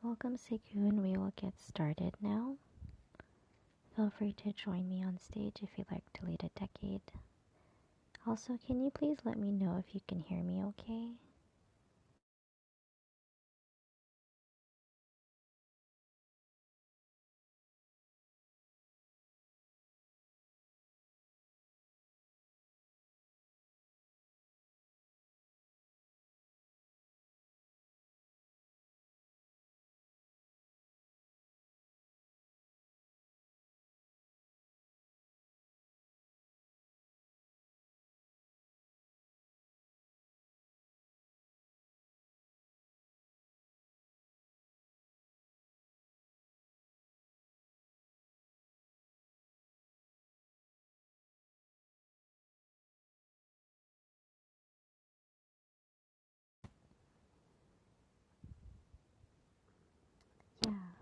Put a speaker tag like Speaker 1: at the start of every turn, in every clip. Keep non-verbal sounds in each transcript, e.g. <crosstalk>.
Speaker 1: Welcome Segun, we will get started now. Feel free to join me on stage if you'd like to lead a decade. Also, can you please let me know if you can hear me okay? Yeah.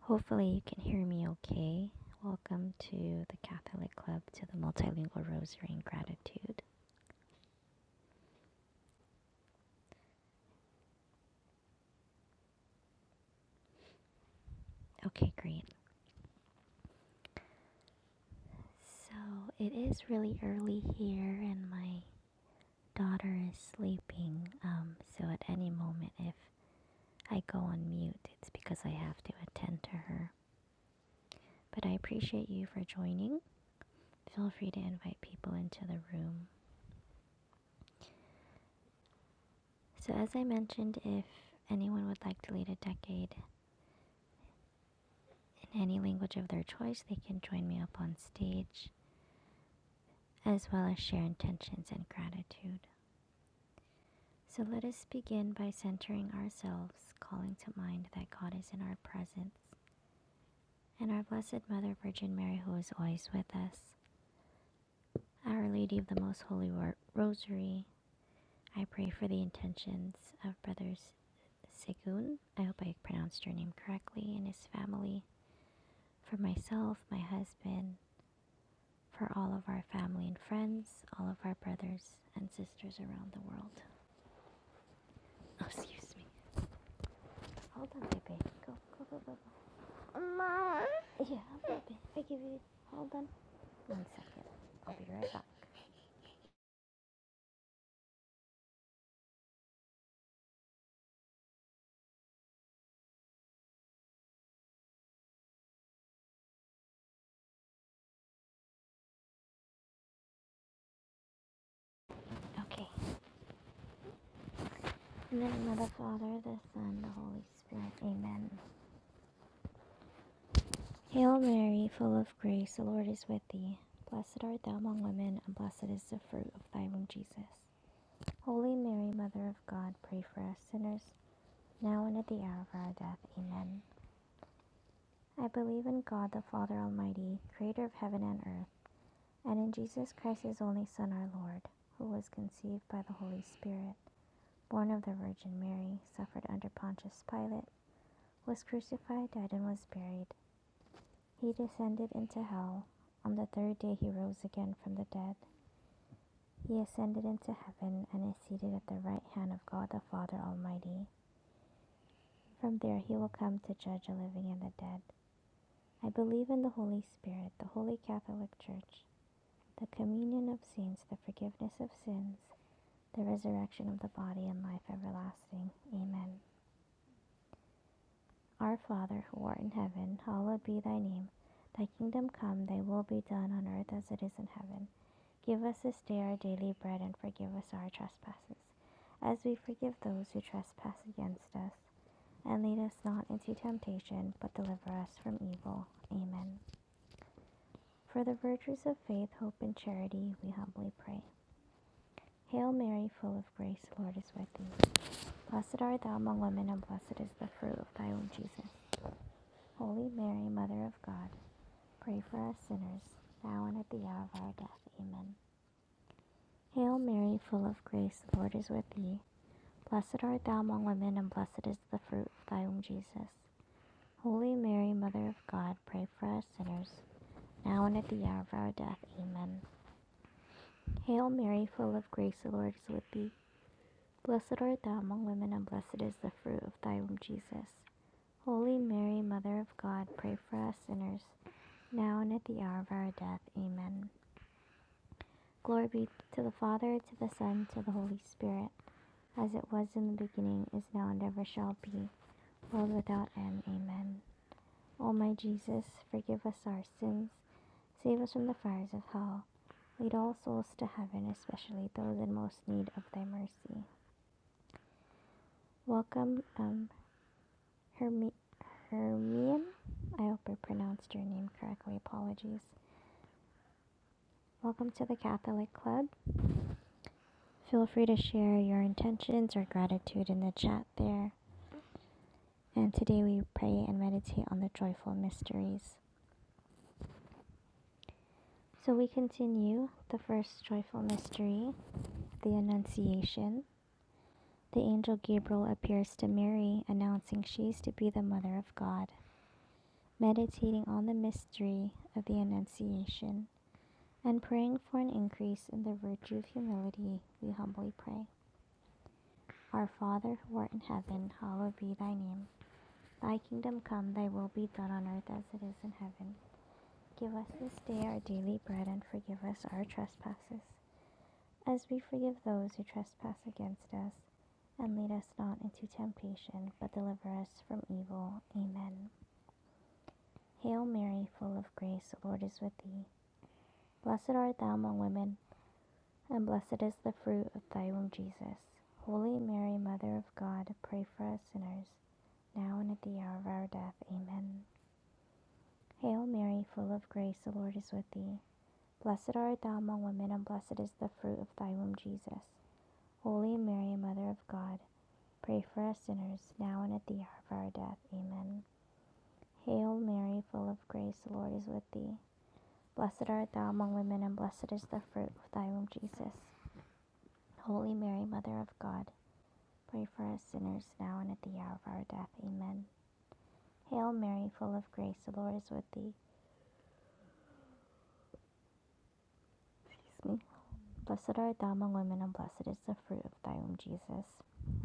Speaker 1: Hopefully, you can hear me okay. Welcome to the Catholic Club to the Multilingual Rosary and Gratitude. Okay, great. So, it is really early here, and my daughter is sleeping. Um, so, at any moment, if I go on mute, it's because I have to attend to her. but I appreciate you for joining. Feel free to invite people into the room. So, as I mentioned, if anyone would like to lead a decade in any language of their choice, they can join me up on stage, as well as share intentions and gratitude. So, let us begin by centering ourselves, calling to mind that God is in our presence and our Blessed Mother Virgin Mary, who is always with us. Our Lady of the Most Holy Ro- Rosary, I pray for the intentions of brothers Segun, I hope I pronounced your name correctly, and his family, for myself, my husband, for all of our family and friends, all of our brothers and sisters around the world. <laughs> Oh, excuse me. Hold on, baby. Go, go, go, go. go. Mom, Yeah, baby. I give you. Hold on. One second. I'll be right back. Okay. In the name of the Father, the Son, the Holy Spirit. Amen. Hail Mary, full of grace, the Lord is with thee. Blessed art thou among women, and blessed is the fruit of thy womb, Jesus. Holy Mary, Mother of God, pray for us sinners, now and at the hour of our death. Amen. I believe in God the Father Almighty, creator of heaven and earth, and in Jesus Christ, his only Son, our Lord, who was conceived by the Holy Spirit, born of the Virgin Mary, suffered under Pontius Pilate, was crucified, died, and was buried. He descended into hell. On the third day, he rose again from the dead. He ascended into heaven and is seated at the right hand of God the Father Almighty. From there he will come to judge the living and the dead. I believe in the Holy Spirit, the holy Catholic Church, the communion of saints, the forgiveness of sins, the resurrection of the body, and life everlasting. Amen. Our Father, who art in heaven, hallowed be thy name. Thy kingdom come, thy will be done on earth as it is in heaven. Give us this day our daily bread, and forgive us our trespasses, as we forgive those who trespass against us And lead us not into temptation, but deliver us from evil. Amen. For the virtues of faith, hope, and charity, we humbly pray. Hail Mary, full of grace, the Lord is with thee. Blessed art thou among women, and blessed is the fruit of thy womb, Jesus. Holy Mary, Mother of God, pray for us sinners, now and at the hour of our death. Amen. Hail Mary, full of grace, the Lord is with thee. Blessed art thou among women, and blessed is the fruit of thy womb, Jesus. Holy Mary, Mother of God, pray for us sinners now and at the hour of our death. Amen. Hail Mary, full of grace, the Lord is with thee. Blessed art thou among women, and blessed is the fruit of thy womb, Jesus. Holy Mary, Mother of God, pray for us sinners, now and at the hour of our death. Amen. Glory be to the Father, to the Son, to the Holy Spirit, as it was in the beginning, is now, and ever shall be, world without end. Amen. O my Jesus, forgive us our sins, save us from the fires of hell Lead all souls to heaven, especially those in most need of thy mercy. Welcome, um, Hermi- Hermian. I hope I pronounced your name correctly. Apologies. Welcome to the Catholic Club. Feel free to share your intentions or gratitude in the chat there. And today we pray and meditate on the joyful mysteries. So we continue the first joyful mystery, the Annunciation. The angel Gabriel appears to Mary, announcing she is to be the mother of God. meditating on the mystery of the Annunciation, and praying for an increase in the virtue of humility, we humbly pray. Our Father, who art in heaven, hallowed be thy name. Thy kingdom come, thy will be done on earth as it is in heaven. Give us this day our daily bread, and forgive us our trespasses, as we forgive those who trespass against us. And lead us not into temptation, but deliver us from evil. Amen. Hail Mary, full of grace, the Lord is with thee. Blessed art thou among women, and blessed is the fruit of thy womb, Jesus. Holy Mary, Mother of God, pray for us sinners, now and at the hour of our death. Amen. Hail Mary, full of grace, the Lord is with thee. Blessed art thou among women, and blessed is the fruit of thy womb, Jesus. Holy Mary, Mother of God, pray for us sinners, now and at the hour of our death. Amen. Hail Mary, full of grace, the Lord is with thee. Blessed art thou among women, and blessed is the fruit of thy womb, Jesus. Holy Mary, Mother of God, pray for us sinners now and at the hour of our death. Amen. Hail Mary, full of grace, the Lord is with thee. Excuse me. Blessed art thou among women, and blessed is the fruit of thy womb, Jesus.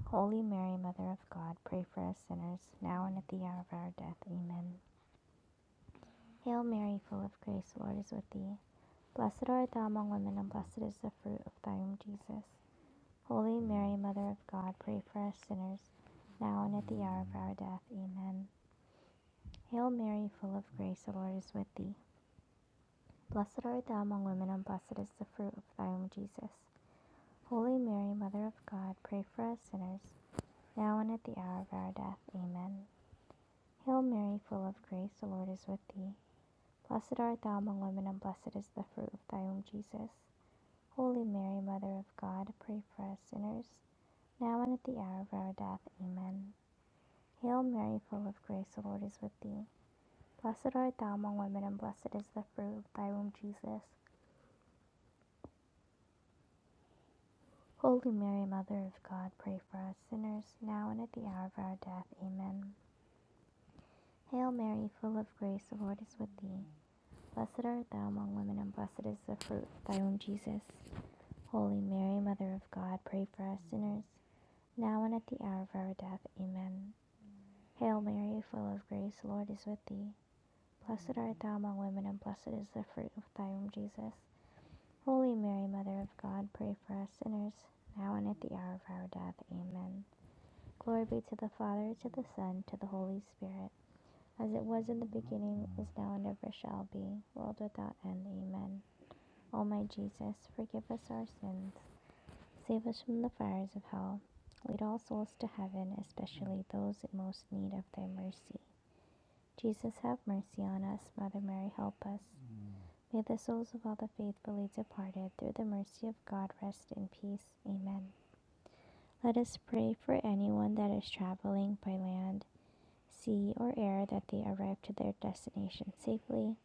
Speaker 1: Holy Mary, Mother of God, pray for us sinners, now and at the hour of our death. Amen. Hail Mary, full of grace, the Lord is with thee. Blessed art thou among women, and blessed is the fruit of thy womb, Jesus. Holy Mary, Mother of God, pray for us sinners, now and at the hour of our death. Amen. Hail Mary, full of grace, the Lord is with thee. Blessed art thou among women, and blessed is the fruit of thy womb, Jesus. Holy Mary, Mother of God, pray for us sinners, now and at the hour of our death. Amen. Hail Mary, full of grace, the Lord is with thee. Blessed art thou among women, and blessed is the fruit of thy womb, Jesus. Holy Mary, Mother of God, pray for us sinners, now and at the hour of our death. Amen. Hail Mary, full of grace, the Lord is with thee. Blessed art thou among women, and blessed is the fruit of thy womb, Jesus. Holy Mary, Mother of God, pray for us sinners, now and at the hour of our death. Amen. Hail Mary, full of grace, the Lord is with thee. Blessed art thou among women, and blessed is the fruit of thy womb, Jesus. Holy Mary, Mother of God, pray for us sinners, now and at the hour of our death. Amen. Hail Mary, full of grace, the Lord is with thee. Blessed art thou among women, and blessed is the fruit of thy womb, Jesus. Holy Mary, Mother of God, pray for us sinners, now and at the hour of our death. Amen. Glory be to the Father, to the Son, to the Holy Spirit, as it was in the beginning, is now, and ever shall be, world without end. Amen. O my Jesus, forgive us our sins, save us from the fires of hell, lead all souls to heaven, especially those in most need of thy mercy. Jesus, have mercy on us. Mother Mary, help us. May the souls of all the faithfully departed, through the mercy of God, rest in peace. Amen. Let us pray for anyone that is traveling by land sea, or air that they arrive to their destination safely,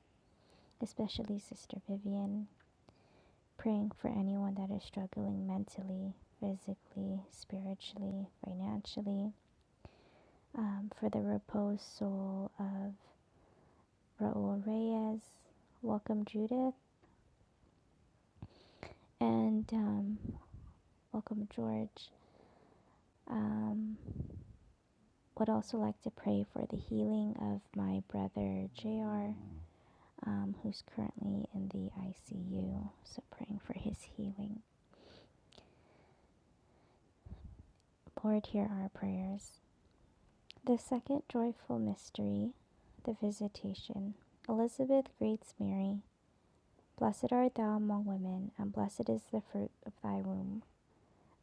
Speaker 1: especially Sister Vivian, praying for anyone that is struggling mentally, physically, spiritually, financially, um, for the reposed soul of Raul Reyes. Welcome, Judith, and um, welcome, George. Um, would also like to pray for the healing of my brother JR, um, who's currently in the ICU. So, praying for his healing. Lord, hear our prayers. The second joyful mystery, the Visitation. Elizabeth greets Mary. Blessed art thou among women, and blessed is the fruit of thy womb.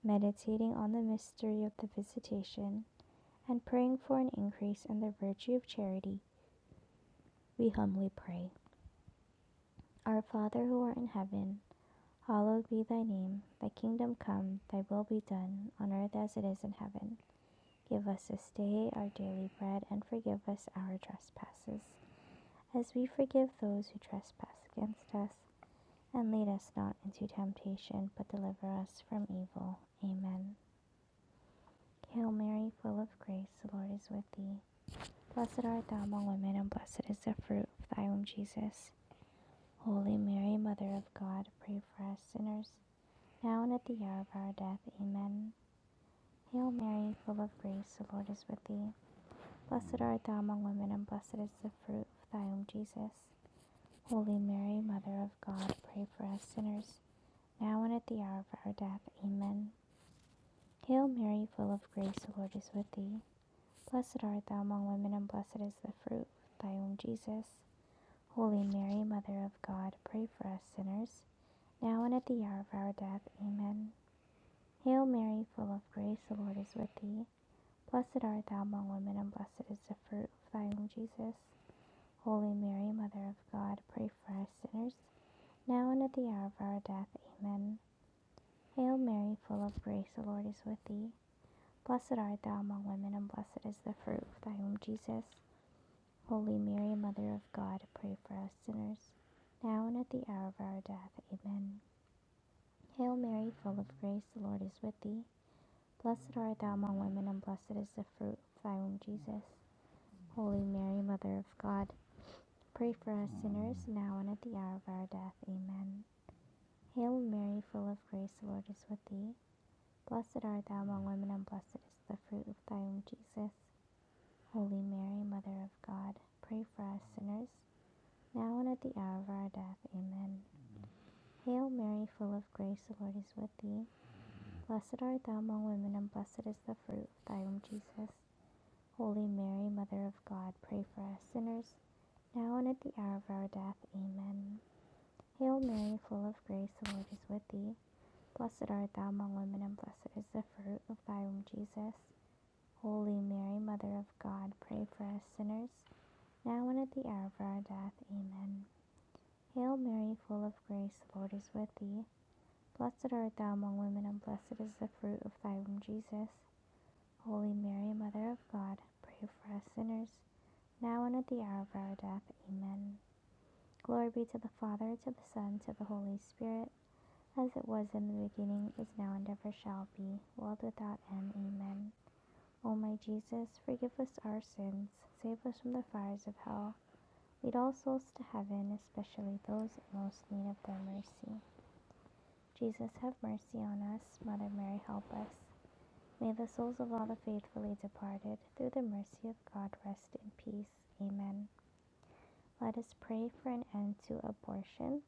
Speaker 1: Meditating on the mystery of the Visitation, and praying for an increase in the virtue of charity, we humbly pray. Our Father who art in heaven, hallowed be thy name. Thy kingdom come, thy will be done, on earth as it is in heaven. Give us this day our daily bread, and forgive us our trespasses as we forgive those who trespass against us. And lead us not into temptation, but deliver us from evil. Amen. Hail Mary, full of grace, the Lord is with thee. Blessed art thou among women, and blessed is the fruit of thy womb, Jesus. Holy Mary, Mother of God, pray for us sinners, now and at the hour of our death. Amen. Hail Mary, full of grace, the Lord is with thee. Blessed art thou among women, and blessed is the fruit of thy womb, Jesus. Holy Mary, Mother of God, pray for us sinners, now and at the hour of our death. Amen. Hail Mary, full of grace, the Lord is with thee. Blessed art thou among women, and blessed is the fruit of thy womb, Jesus. Holy Mary, Mother of God, pray for us sinners, now and at the hour of our death. Amen. Hail Mary, full of grace, the Lord is with thee. Blessed art thou among women, and blessed is the fruit of thy womb, Jesus. Holy Mary, Mother of God, pray for us sinners, now and at the hour of our death. Amen. Hail Mary, full of grace, the Lord is with thee. Blessed art thou among women, and blessed is the fruit of thy womb, Jesus. Holy Mary, Mother of God, pray for us sinners, now and at the hour of our death. Amen. Hail Mary, full of grace, the Lord is with thee. Blessed art thou among women, and blessed is the fruit of thy womb, Jesus. Holy Mary, Mother of God, pray for us sinners, now and at the hour of our death. Amen. Hail Mary, full of grace, the Lord is with thee. Blessed art thou among women, and blessed is the fruit of thy womb, Jesus. Holy Mary, Mother of God, pray for us sinners, now and at the hour of our death. Amen. Hail Mary, full of grace, the Lord is with thee. Blessed art thou among women, and blessed is the fruit of thy womb, Jesus. Holy Mary, Mother of God, pray for us sinners, now and at the hour of our death. Amen. Hail Mary, full of grace, the Lord is with thee. Blessed art thou among women, and blessed is the fruit of thy womb, Jesus. Holy Mary, Mother of God, pray for us sinners now and at the hour of our death. Amen. Hail Mary, full of grace, the Lord is with thee. Blessed art thou among women, and blessed is the fruit of thy womb, Jesus. Holy Mary, Mother of God, pray for us sinners, now and at the hour of our death. Amen. Glory be to the Father, to the Son, to the Holy Spirit, as it was in the beginning, is now, and ever shall be, world without end. Amen. O my Jesus, forgive us our sins, save us from the fires of hell Lead all souls to heaven, especially those in most need of thy mercy. Jesus, have mercy on us. Mother Mary, help us. May the souls of all the faithfully departed, through the mercy of God, rest in peace. Amen. Let us pray for an end to abortion,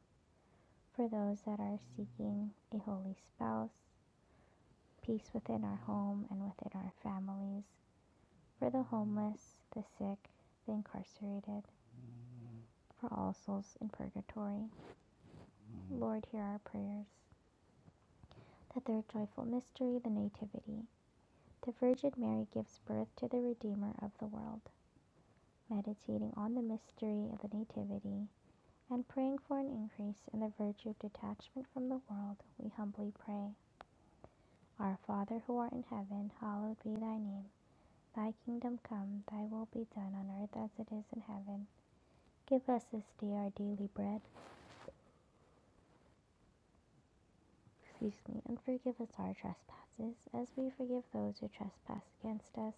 Speaker 1: for those that are seeking a holy spouse, peace within our home and within our families, for the homeless, the sick, the incarcerated, for all souls in purgatory. Lord, hear our prayers. The third joyful mystery, the Nativity. The Virgin Mary gives birth to the Redeemer of the world. Meditating on the mystery of the Nativity and praying for an increase in the virtue of detachment from the world, we humbly pray. Our Father who art in heaven, hallowed be thy name. Thy kingdom come, thy will be done on earth as it is in heaven. Give us this day our daily bread. Excuse me, and forgive us our trespasses, as we forgive those who trespass against us.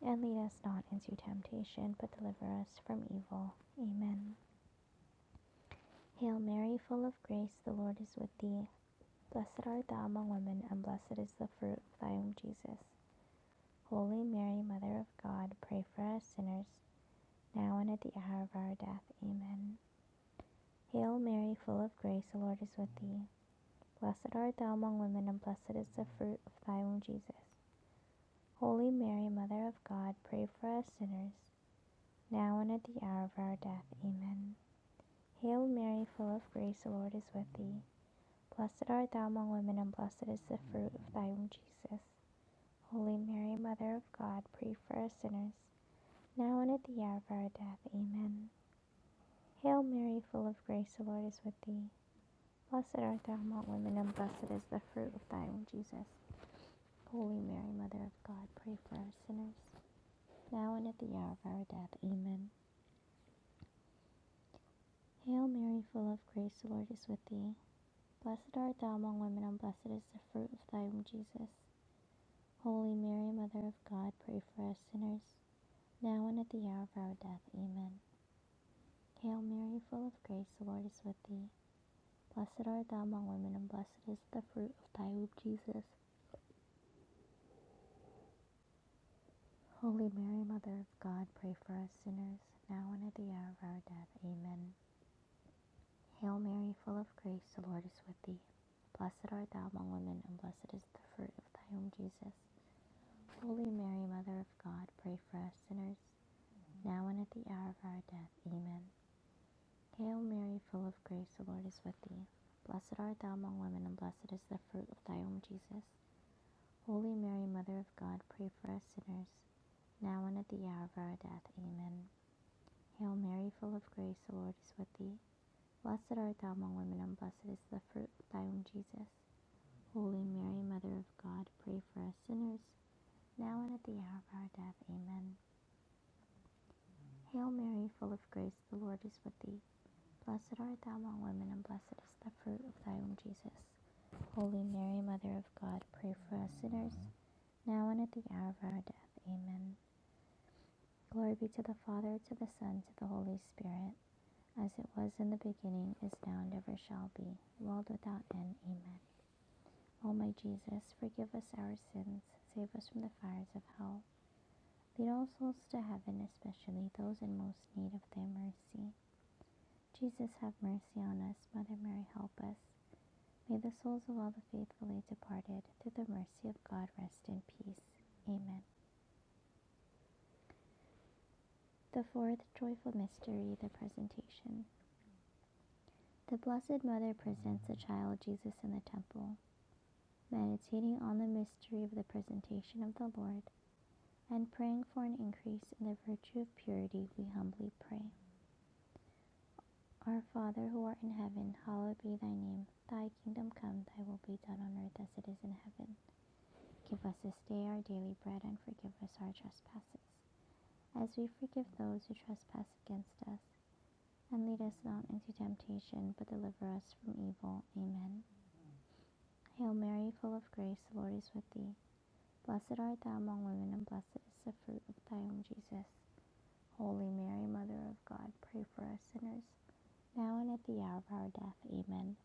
Speaker 1: And lead us not into temptation, but deliver us from evil. Amen. Hail Mary, full of grace, the Lord is with thee. Blessed art thou among women, and blessed is the fruit of thy womb, Jesus. Holy Mary, Mother of God, pray for us sinners, now and at the hour of our death. Amen. Hail Mary, full of grace, the Lord is with thee. Blessed art thou among women, and blessed is the fruit of thy womb, Jesus. Holy Mary, Mother of God, pray for us sinners, now and at the hour of our death. Amen. Hail Mary, full of grace, the Lord is with thee. Blessed art thou among women, and blessed is the fruit of thy womb, Jesus. Holy Mary, Mother of God, pray for us sinners, now and at the hour of our death. Amen. Hail Mary, full of grace, the Lord is with thee. Blessed art thou among women, and blessed is the fruit of thy womb, Jesus. Holy Mary, Mother of God, pray for us sinners, now and at the hour of our death. Amen. Hail Mary, full of grace, the Lord is with thee. Blessed art thou among women, and blessed is the fruit of thy womb, Jesus. Holy Mary, Mother of God, pray for us sinners, now and at the hour of our death. Amen. Hail Mary, full of grace, the Lord is with thee. Blessed art thou among women, and blessed is the fruit of thy womb, Jesus. Holy Mary, Mother of God, pray for us sinners, now and at the hour of our death. Amen. Hail Mary, full of grace, the Lord is with thee. Blessed art thou among women, and blessed is the fruit of thy womb, Jesus. Holy Mary, Mother of God, pray for us sinners, now and at the hour of our death. Amen. Hail Mary, full of grace, the Lord is with thee. Blessed art thou among women, and blessed is the fruit of thy womb, Jesus. Holy Mary, Mother of God, pray for us sinners, now and at the hour of our death. Amen. Hail Mary, full of grace, the Lord is with thee. Blessed art thou among women, and blessed is the fruit of thy womb, Jesus. Holy Mary, Mother of God, pray for us sinners, now and at the hour of our death. Amen. Hail Mary, full of grace, the Lord is with thee. Blessed art thou among women, and blessed is the fruit of thy womb, Jesus. Holy Mary, Mother of God, pray for us sinners, now and at the hour of our death. Amen. Glory be to the Father, to the Son, to the Holy Spirit, as it was in the beginning, is now, and ever shall be, world without end. Amen. O my Jesus, forgive us our sins, save us from the fires of hell. Lead all souls to heaven, especially those in most need of thy mercy. Jesus, have mercy on us. Mother Mary, help us. May the souls of all the faithfully departed through the mercy of God rest in peace. Amen. The fourth joyful mystery, the presentation. The Blessed Mother presents the child Jesus in the temple, meditating on the mystery of the presentation of the Lord and praying for an increase in the virtue of purity, we humbly pray. Our Father who art in heaven, hallowed be thy name. Thy kingdom come, thy will be done on earth as it is in heaven. Give us this day our daily bread and forgive us our trespasses as we forgive those who trespass against us. And lead us not into temptation, but deliver us from evil. Amen. Hail Mary, full of grace, the Lord is with thee. Blessed art thou among women, and blessed is the fruit of thy womb, Jesus. Holy Mary, Mother of God, pray for us sinners, now and at the hour of our death. Amen.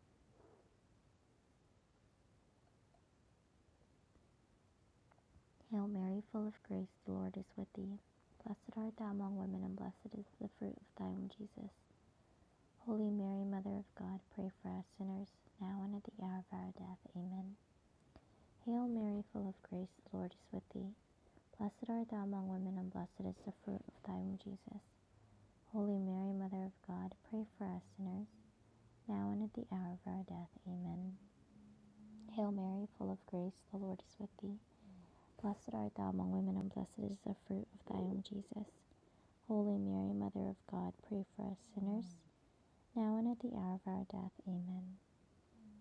Speaker 1: Hail Mary, full of grace, the Lord is with thee. Blessed art thou among women, and blessed is the fruit of thy womb, Jesus. Holy Mary, Mother of God, pray for us sinners, now and at the hour of our death. Amen. Hail Mary, full of grace, the Lord is with thee. Blessed art thou among women, and blessed is the fruit of thy womb, Jesus. Holy Mary, Mother of God, pray for us sinners, now and at the hour of our death. Amen. Hail Mary, full of grace, the Lord is with thee. Blessed art thou among women, and blessed is the fruit of thy womb, Jesus. Holy Mary, Mother of God, pray for us sinners, now and at the hour of our death. Amen.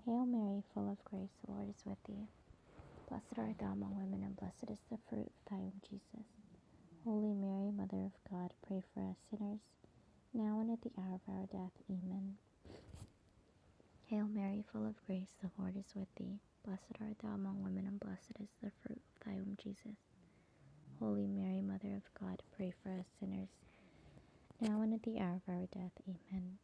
Speaker 1: Hail Mary, full of grace, the Lord is with thee. Blessed art thou among women, and blessed is the fruit of thy womb, Jesus. Holy Mary, Mother of God, pray for us sinners, now and at the hour of our death. Amen. Hail Mary, full of grace, the Lord is with thee. Blessed art thou among women, and blessed is the fruit of thy womb, Jesus. Holy Mary, Mother of God, pray for us sinners, now and at the hour of our death. Amen.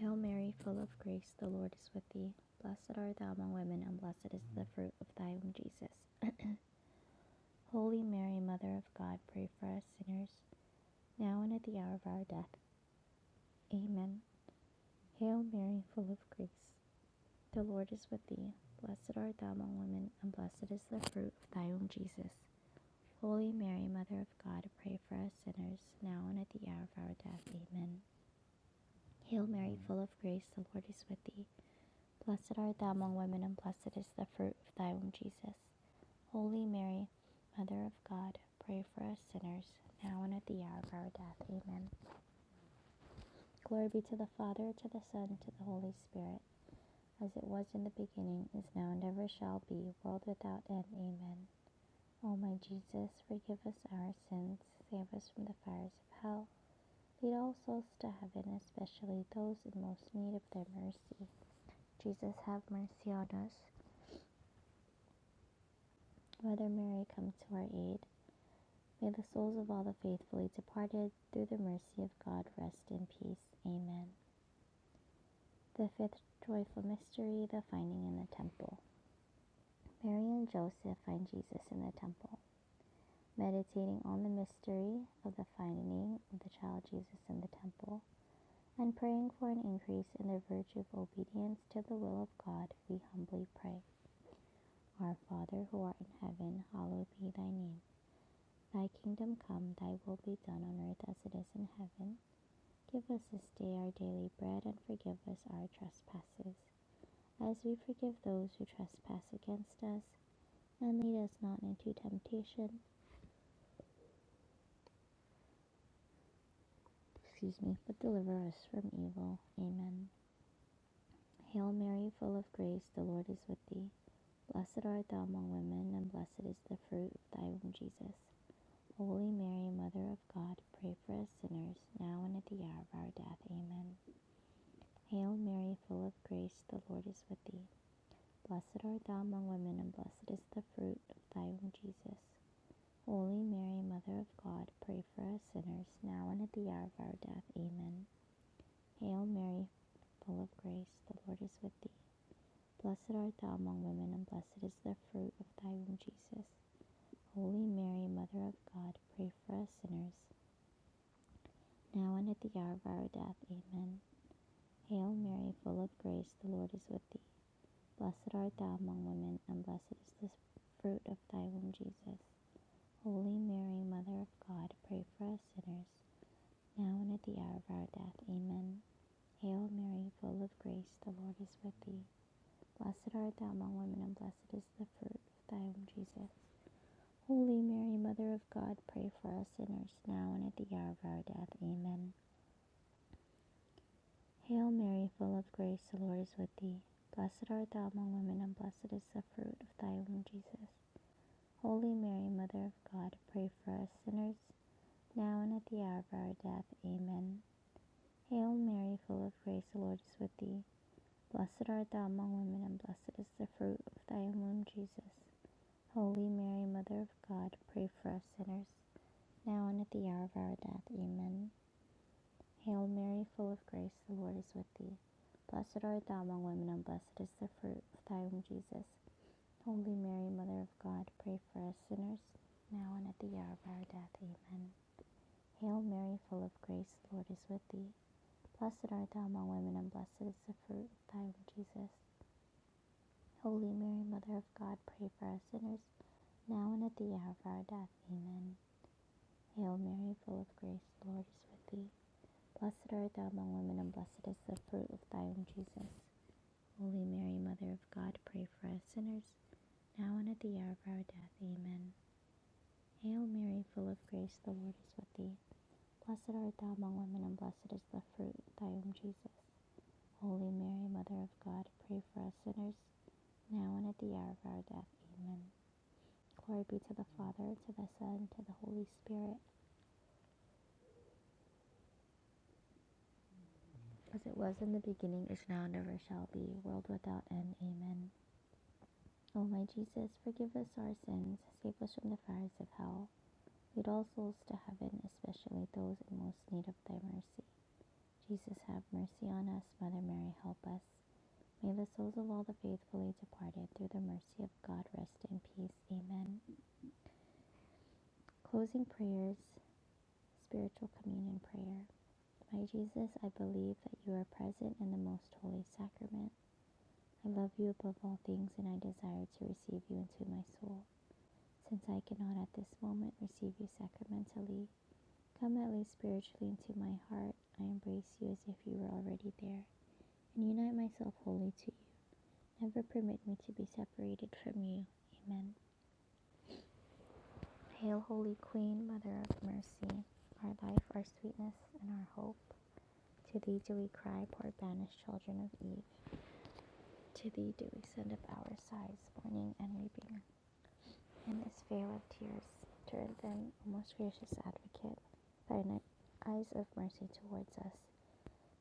Speaker 1: Hail Mary, full of grace, the Lord is with thee. Blessed art thou among women, and blessed is the fruit of thy womb, Jesus. Holy Mary, Mother of God, pray for us sinners, now and at the hour of our death. Amen. Hail Mary, full of grace. The Lord is with thee. Blessed art thou among women, and blessed is the fruit of thy womb, Jesus. Holy Mary, Mother of God, pray for us sinners, now and at the hour of our death. Amen. Hail Mary, full of grace, the Lord is with thee. Blessed art thou among women, and blessed is the fruit of thy womb, Jesus. Holy Mary, Mother of God, pray for us sinners, now and at the hour of our death. Amen. Glory be to the Father, to the Son, to the Holy Spirit, as it was in the beginning, is now, and ever shall be, world without end. Amen. O my Jesus, forgive us our sins, save us from the fires of hell, lead all souls to heaven, especially those in most need of thy mercy. Jesus, have mercy on us. Mother Mary, come to our aid. May the souls of all the faithfully departed, through the mercy of God, rest in peace. Amen. The fifth joyful mystery, the finding in the temple. Mary and Joseph find Jesus in the temple. Meditating on the mystery of the finding of the child Jesus in the temple and praying for an increase in the virtue of obedience to the will of God, we humbly pray. Our Father who art in heaven, hallowed be thy name. Thy kingdom come, thy will be done on earth as it is in heaven. Give us this day our daily bread and forgive us our trespasses, as we forgive those who trespass against us. And lead us not into temptation, excuse me, but deliver us from evil. Amen. Hail Mary, full of grace, the Lord is with thee. Blessed art thou among women, and blessed is the fruit of thy womb, Jesus. Holy Mary, Mother of God, pray for us sinners, now and at the hour of our death. Amen. Hail Mary, full of grace, the Lord is with thee. Blessed art thou among women, and blessed is the fruit of thy womb, Jesus. Holy Mary, Mother of God, pray for us sinners, now and at the hour of our death. Amen. Hail Mary, full of grace, the Lord is with thee. Blessed art thou among women, and blessed is the fruit of thy womb, Jesus. Holy Mary, Mother of God, pray for us sinners, now and at the hour of our death. Amen. Hail Mary, full of grace, the Lord is with thee. Blessed art thou among women, and blessed is the fruit of thy womb, Jesus. Holy Mary, Mother of God, pray for us sinners, now and at the hour of our death. Amen. Hail Mary, full of grace, the Lord is with thee. Blessed art thou among women, and blessed is the fruit of thy womb, Jesus. Holy Mary, Mother of God, pray for us sinners, now and at the hour of our death. Amen. Hail Mary, full of grace, the Lord is with thee. Blessed art thou among women, and blessed is the fruit of thy womb, Jesus. Holy Mary, Mother of God, pray for us sinners, now and at the hour of our death. Amen. Hail Mary, full of grace, the Lord is with thee. Blessed art thou among women, and blessed is the fruit of thy womb, Jesus. Holy Mary, Mother of God, pray for us sinners, now and at the hour of our death. Amen. Hail Mary, full of grace, the Lord is with thee. Blessed art thou among women, and blessed is the fruit of thy womb, Jesus. Holy Mary, Mother of God, pray for us sinners, now and at the hour of our death. Amen. Hail Mary, full of grace, the Lord is with thee. Blessed art thou among women, and blessed is the fruit of thy womb, Jesus. Holy Mary, Mother of God, pray for us sinners, now and at the hour of our death. Amen. Hail Mary, full of grace, the Lord is with thee. Blessed art thou among women, and blessed is the fruit of thy womb, Jesus. Holy Mary, Mother of God, pray for us sinners, now and at the hour of our death. Amen. Hail Mary, full of grace, the Lord is with thee. Blessed art thou among women, and blessed is the fruit of thy womb, Jesus. Holy Mary, Mother of God, pray for us sinners, now and at the hour of our death. Amen. Glory be to the Father, to the Son, to the Holy Spirit As it was in the beginning, is now, and ever shall be, world without end. Amen. O my Jesus, forgive us our sins, save us from the fires of hell. Lead all souls to heaven, especially those in most need of thy mercy. Jesus, have mercy on us. Mother Mary, help us. May the souls of all the faithfully departed, through the mercy of God, rest in peace. Amen. Closing prayers, spiritual communion prayer. My Jesus, I believe that you are present in the most holy sacrament. I love you above all things, and I desire to receive you into my soul. Since I cannot at this moment receive you sacramentally, come at least spiritually into my heart. I embrace you as if you were already there, and unite myself wholly to you. Never permit me to be separated from you. Amen. Hail, Holy Queen, Mother of Mercy, our life, our sweetness, and our hope. To thee do we cry, poor banished children of Eve. To thee do we send up our sighs, mourning and weeping. and is fair with tears. Turn then, O most gracious advocate, thine eyes of mercy towards us,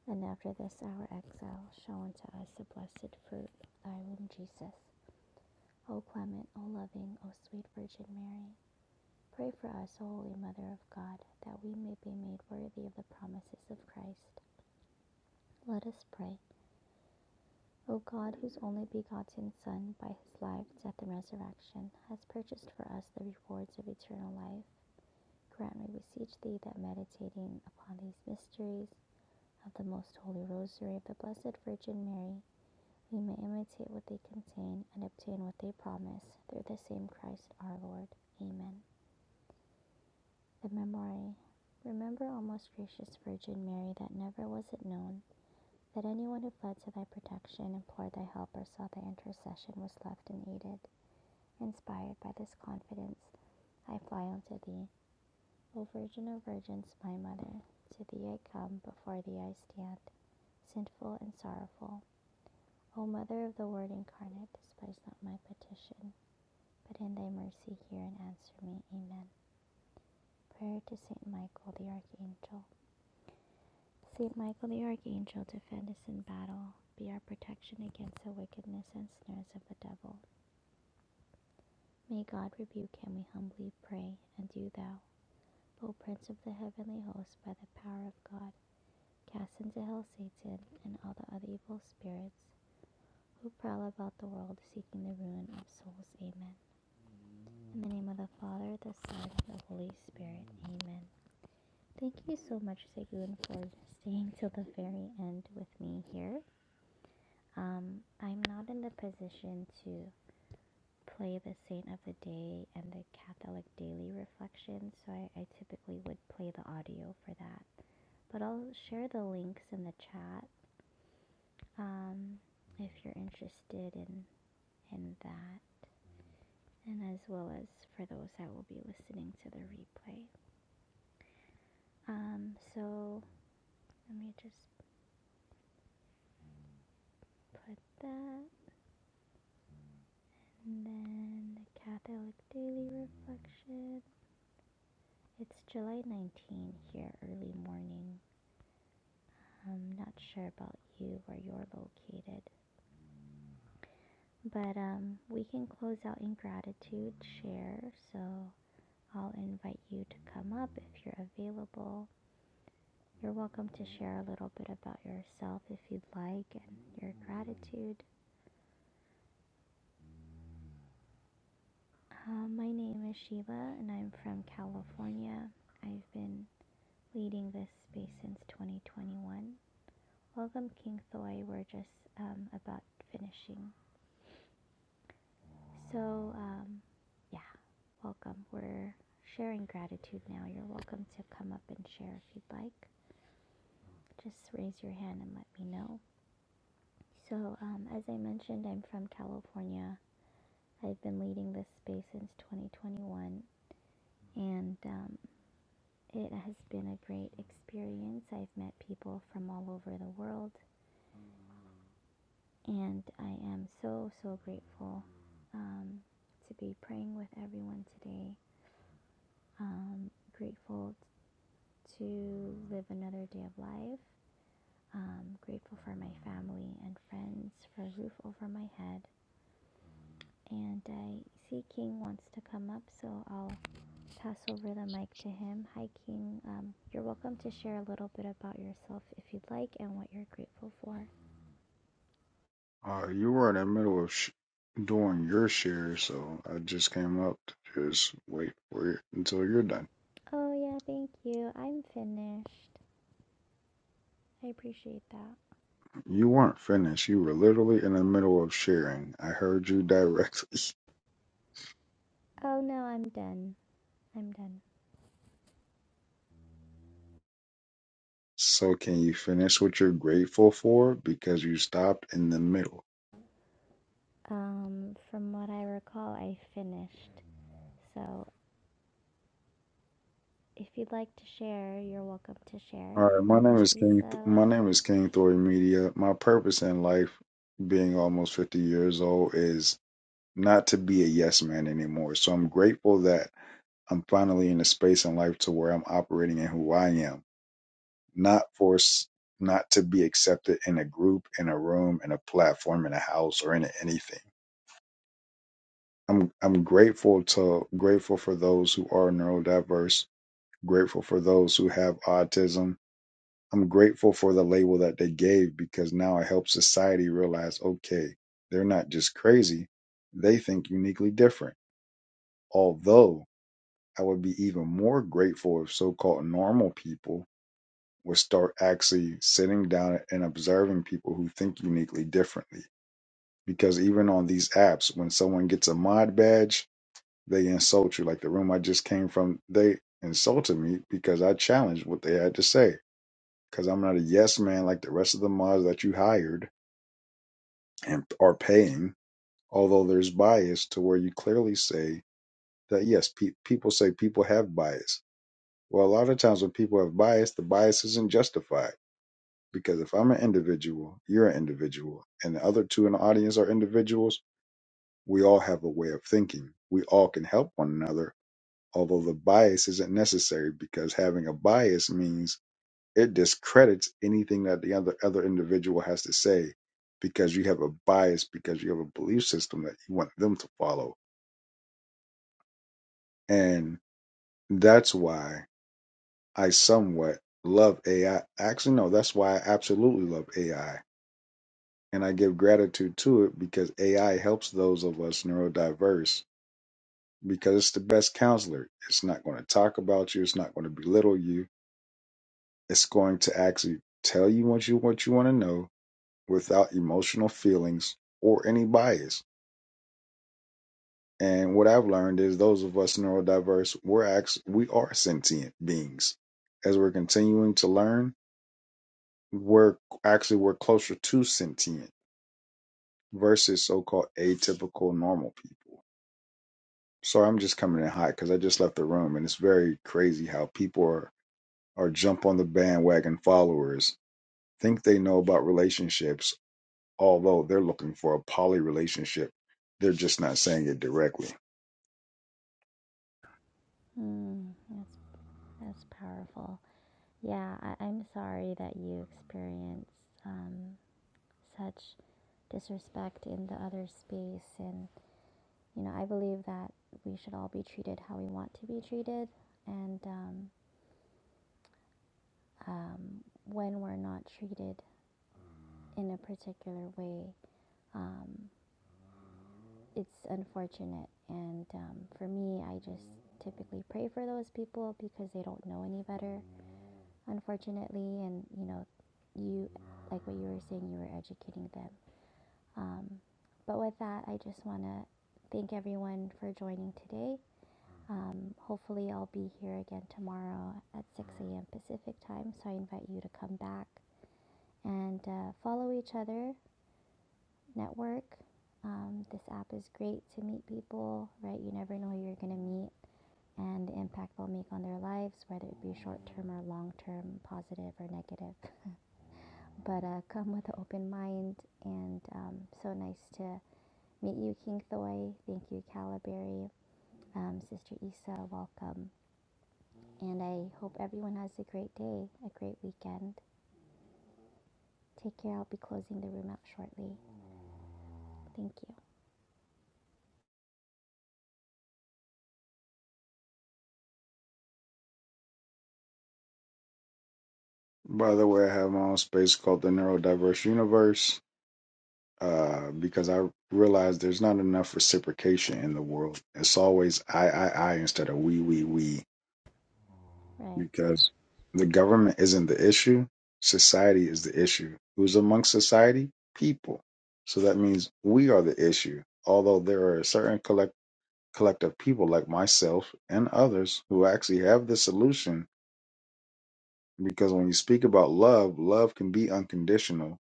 Speaker 1: and after this our exile, show unto us the blessed fruit of thy womb, Jesus. O clement, O loving, O sweet Virgin Mary, pray for us, O Holy Mother of God, that we may be made worthy of the promises of Christ. Let us pray. O God, whose only begotten Son, by his life, death, and resurrection, has purchased for us the rewards of eternal life Grant, we beseech thee that meditating upon these mysteries of the most holy rosary of the Blessed Virgin Mary, we may imitate what they contain and obtain what they promise through the same Christ our Lord. Amen. The Memorare. Remember, O most gracious Virgin Mary, that never was it known that anyone who fled to thy protection, implored thy help, or sought thy intercession was left unaided. Inspired by this confidence, I fly unto thee. O Virgin of Virgins, my Mother, to thee I come, before thee I stand, sinful and sorrowful. O Mother of the Word incarnate, despise not my petition, but in thy mercy hear and answer me. Amen. Prayer to Saint Michael the Archangel. Saint Michael the Archangel, defend us in battle. Be our protection against the wickedness and snares of the devil. May God rebuke him, we humbly pray, and do thou, O Prince of the heavenly host, by the power of God Cast into hell Satan and all the other evil spirits who prowl about the world seeking the ruin of souls. Amen. In the name of the Father, the Son, and the Holy Spirit. Amen. Thank you so much, Segun, for staying till the very end with me here. Um, I'm not in the position to play the Saint of the Day and the Catholic Daily Reflection, so I, I typically would play the audio for that. But I'll share the links in the chat um, if you're interested in, in that, and as well as for those that will be listening to the replay. Um, so let me just put that, and then the Catholic Daily Reflection. It's July 19 here, early morning. I'm not sure about you where you're located, but um, we can close out in gratitude, share. So I'll invite you to come up if you're available You're welcome to share a little bit about yourself if you'd like and your gratitude. Uh, my name is Sheila and I'm from California. I've been leading this space since 2021. Welcome, King Thoy. We're just um, about finishing. So, um, yeah, welcome. We're sharing gratitude now. You're welcome to come up and share if you'd like. Just raise your hand and let me know. So, um, as I mentioned, I'm from California. I've been leading this space since 2021, and um, it has been a great experience. I've met people from all over the world, and I am so, so grateful um, to be praying with everyone today. Um, grateful to live another day of life. Um, grateful for my family and friends, for a roof over my head. And I see King wants to come up, so I'll pass over the mic to him. Hi, King. Um, you're welcome to share a little bit about yourself if you'd like and what you're grateful for.
Speaker 2: Uh, you were in the middle of sh- doing your share, so I just came up to just wait for it until you're done.
Speaker 1: Oh, yeah, thank you. I'm finished. I appreciate that.
Speaker 2: You weren't finished. You were literally in the middle of sharing. I heard you directly. <laughs>
Speaker 1: Oh, no, I'm done. I'm done.
Speaker 2: So can you finish what you're grateful for? Because you stopped in the middle.
Speaker 1: Um, from what I recall, I finished. So if you'd like to share, you're welcome to
Speaker 2: All
Speaker 1: share.
Speaker 2: right, my name
Speaker 1: Welcome,
Speaker 2: is King. Th-
Speaker 1: Issa.
Speaker 2: my name is King Thor Media. My purpose in life, being almost fifty years old, is not to be a yes man anymore. So I'm grateful that I'm finally in a space in life to where I'm operating in who I am, not force, not to be accepted in a group, in a room, in a platform, in a house, or in a- anything. I'm I'm grateful to grateful for those who are neurodiverse, grateful for those who have autism. I'm grateful for the label that they gave because now it helps society realize, okay, they're not just crazy, they think uniquely different. Although I would be even more grateful if so-called normal people would start actually sitting down and observing people who think uniquely differently. Because even on these apps, when someone gets a mod badge, they insult you. Like the room I just came from, they insulted me because I challenged what they had to say. Because I'm not a yes man like the rest of the mods that you hired and are paying. Although there's bias to where you clearly say that yes, pe- people say people have bias. Well, a lot of times when people have bias, the bias isn't justified Because if I'm an individual, you're an individual, and the other two in the audience are individuals, we all have a way of thinking. We all can help one another, although the bias isn't necessary because having a bias means it discredits anything that the other, other individual has to say because you have a bias, because you have a belief system that you want them to follow. And that's why I somewhat love AI. Actually, no, that's why I absolutely love AI and I give gratitude to it because AI helps those of us neurodiverse because it's the best counselor. It's not going to talk about you. It's not going to belittle you. It's going to actually tell you what you what you want to know without emotional feelings or any bias. And what I've learned is those of us neurodiverse, we're actually we are sentient beings. As we're continuing to learn, we're actually we're closer to sentient versus so-called atypical normal people So I'm just coming in hot because I just left the room, and it's very crazy how people are, are jump on the bandwagon followers, think they know about relationships, although they're looking for a poly relationship. They're just not saying it directly.
Speaker 1: Hmm. that's, that's powerful. Yeah, I, I'm sorry that you experienced um, such disrespect in the other space. And, you know, I believe that we should all be treated how we want to be treated. And um, um, when we're not treated in a particular way, um, it's unfortunate. And um, for me, I just typically pray for those people because they don't know any better, unfortunately. And, you know, you, like what you were saying, you were educating them. Um, but with that, I just want to thank everyone for joining today. Um, hopefully, I'll be here again tomorrow at 6 a.m. Pacific time. So I invite you to come back and uh, follow each other, network. Um, this app is great to meet people, right? You never know who you're going to meet and the impact they'll make on their lives, whether it be short term or long term, positive or negative. <laughs> but uh, come with an open mind, and um, so nice to meet you, King Thoy. Thank you, Calabary. Um, Sister Isa, welcome. And I hope everyone has a great day, a great weekend. Take care. I'll be closing the room out shortly. Thank you.
Speaker 2: By the way, I have my own space called the Neurodiverse Universe uh, because I realize there's not enough reciprocation in the world. It's always I, I, I instead of we, we, we.
Speaker 1: Right.
Speaker 2: because the government isn't the issue. Society is the issue. Who's amongst society? People. So that means we are the issue. Although there are a certain collect- collective people like myself and others who actually have the solution, because when you speak about love, love can be unconditional.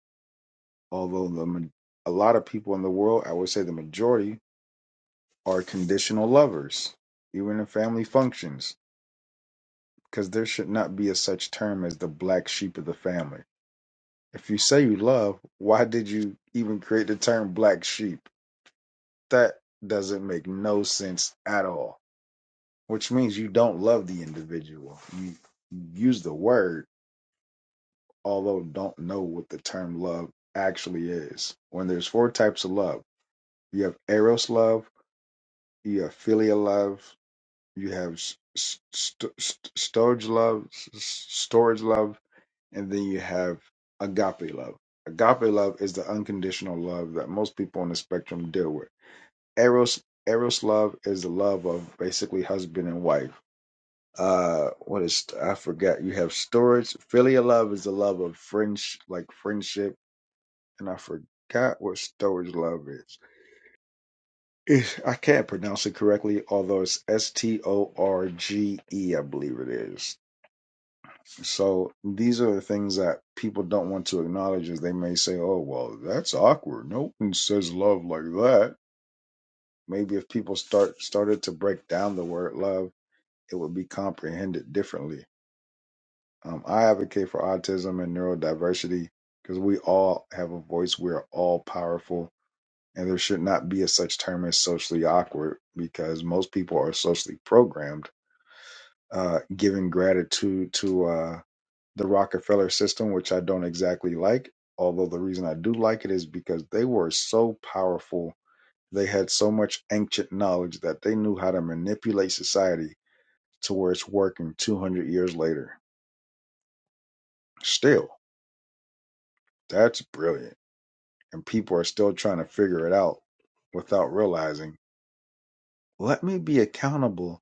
Speaker 2: Although the ma- a lot of people in the world, I would say the majority, are conditional lovers, even in family functions, because there should not be a such term as the black sheep of the family If you say you love, why did you even create the term black sheep? That doesn't make no sense at all. Which means you don't love the individual. You use the word, although don't know what the term love actually is. When there's four types of love, you have eros love, you have filial love, you have s- st- st- storage love, s- storage love, And then you have agape love. Agape love is the unconditional love that most people on the spectrum deal with. Eros Eros love is the love of basically husband and wife. Uh, what is I forgot? You have storage. Filial love is the love of French, like friendship, and I forgot what storage love is. It's- I can't pronounce it correctly, although it's S T O R G E, I believe it is So these are the things that people don't want to acknowledge as they may say, oh, well, that's awkward. No one says love like that. Maybe if people start started to break down the word love, it would be comprehended differently. Um, I advocate for autism and neurodiversity because we all have a voice. We are all powerful, and there should not be a such term as socially awkward because most people are socially programmed, uh, giving gratitude to uh, the Rockefeller system, which I don't exactly like. Although the reason I do like it is because they were so powerful. They had so much ancient knowledge that they knew how to manipulate society to where it's working 200 years later. Still, that's brilliant. And people are still trying to figure it out without realizing let me be accountable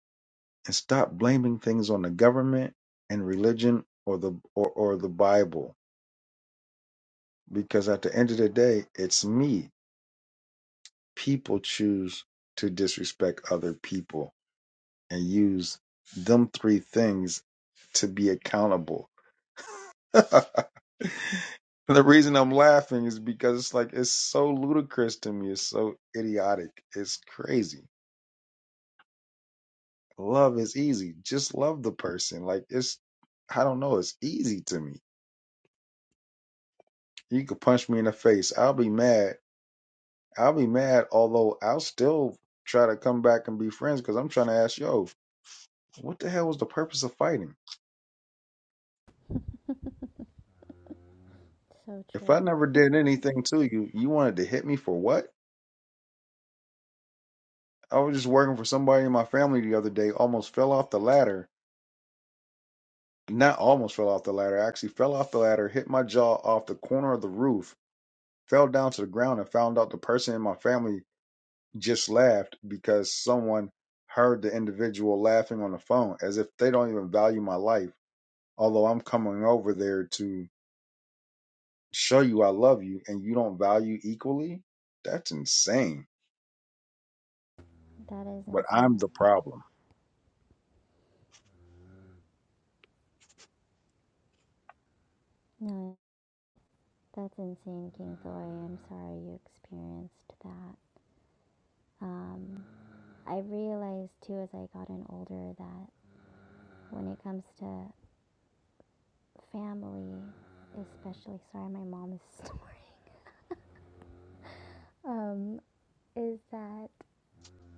Speaker 2: and stop blaming things on the government and religion or the or, or the Bible because at the end of the day it's me people choose to disrespect other people and use them three things to be accountable. <laughs> And the reason I'm laughing is because it's like it's so ludicrous to me. It's so idiotic. It's crazy. Love is easy. Just love the person. Like it's I don't know, it's easy to me. You could punch me in the face. I'll be mad. I'll be mad, although I'll still try to come back and be friends because I'm trying to ask, yo, what the hell was the purpose of fighting?
Speaker 1: So
Speaker 2: If I
Speaker 1: true.
Speaker 2: never did anything to you, you wanted to hit me for what? I was just working for somebody in my family the other day, almost fell off the ladder. Not almost fell off the ladder, I actually fell off the ladder, hit my jaw off the corner of the roof, fell down to the ground, and found out the person in my family just laughed because someone heard the individual laughing on the phone as if they don't even value my life. Although I'm coming over there to show you I love you and you don't value equally, that's insane.
Speaker 1: That is
Speaker 2: But I'm the
Speaker 1: insane.
Speaker 2: problem.
Speaker 1: No, that's insane, King Thoy. I'm sorry you experienced that. Um, I realized too as I gotten older that when it comes to family, especially, sorry, my mom is, <laughs> um, is that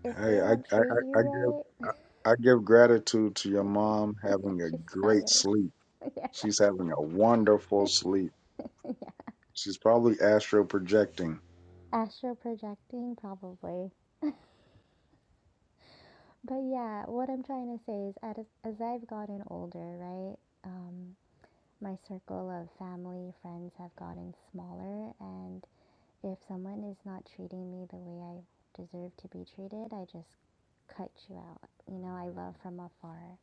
Speaker 1: if they
Speaker 2: Hey, I,
Speaker 1: don't
Speaker 2: I,
Speaker 1: treat
Speaker 2: I, I give
Speaker 1: you
Speaker 2: I, I give gratitude to your mom
Speaker 1: right,
Speaker 2: having
Speaker 1: <laughs>
Speaker 2: a
Speaker 1: she's
Speaker 2: great
Speaker 1: tired.
Speaker 2: sleep.
Speaker 1: <laughs> Yeah.
Speaker 2: She's having a wonderful sleep. She's probably astral projecting.
Speaker 1: astral projecting probably but yeah what i'm trying to say is as, as i've gotten older right um, my circle of family friends have gotten smaller and if someone is not treating me the way i deserve to be treated i just cut you out you know i love from afar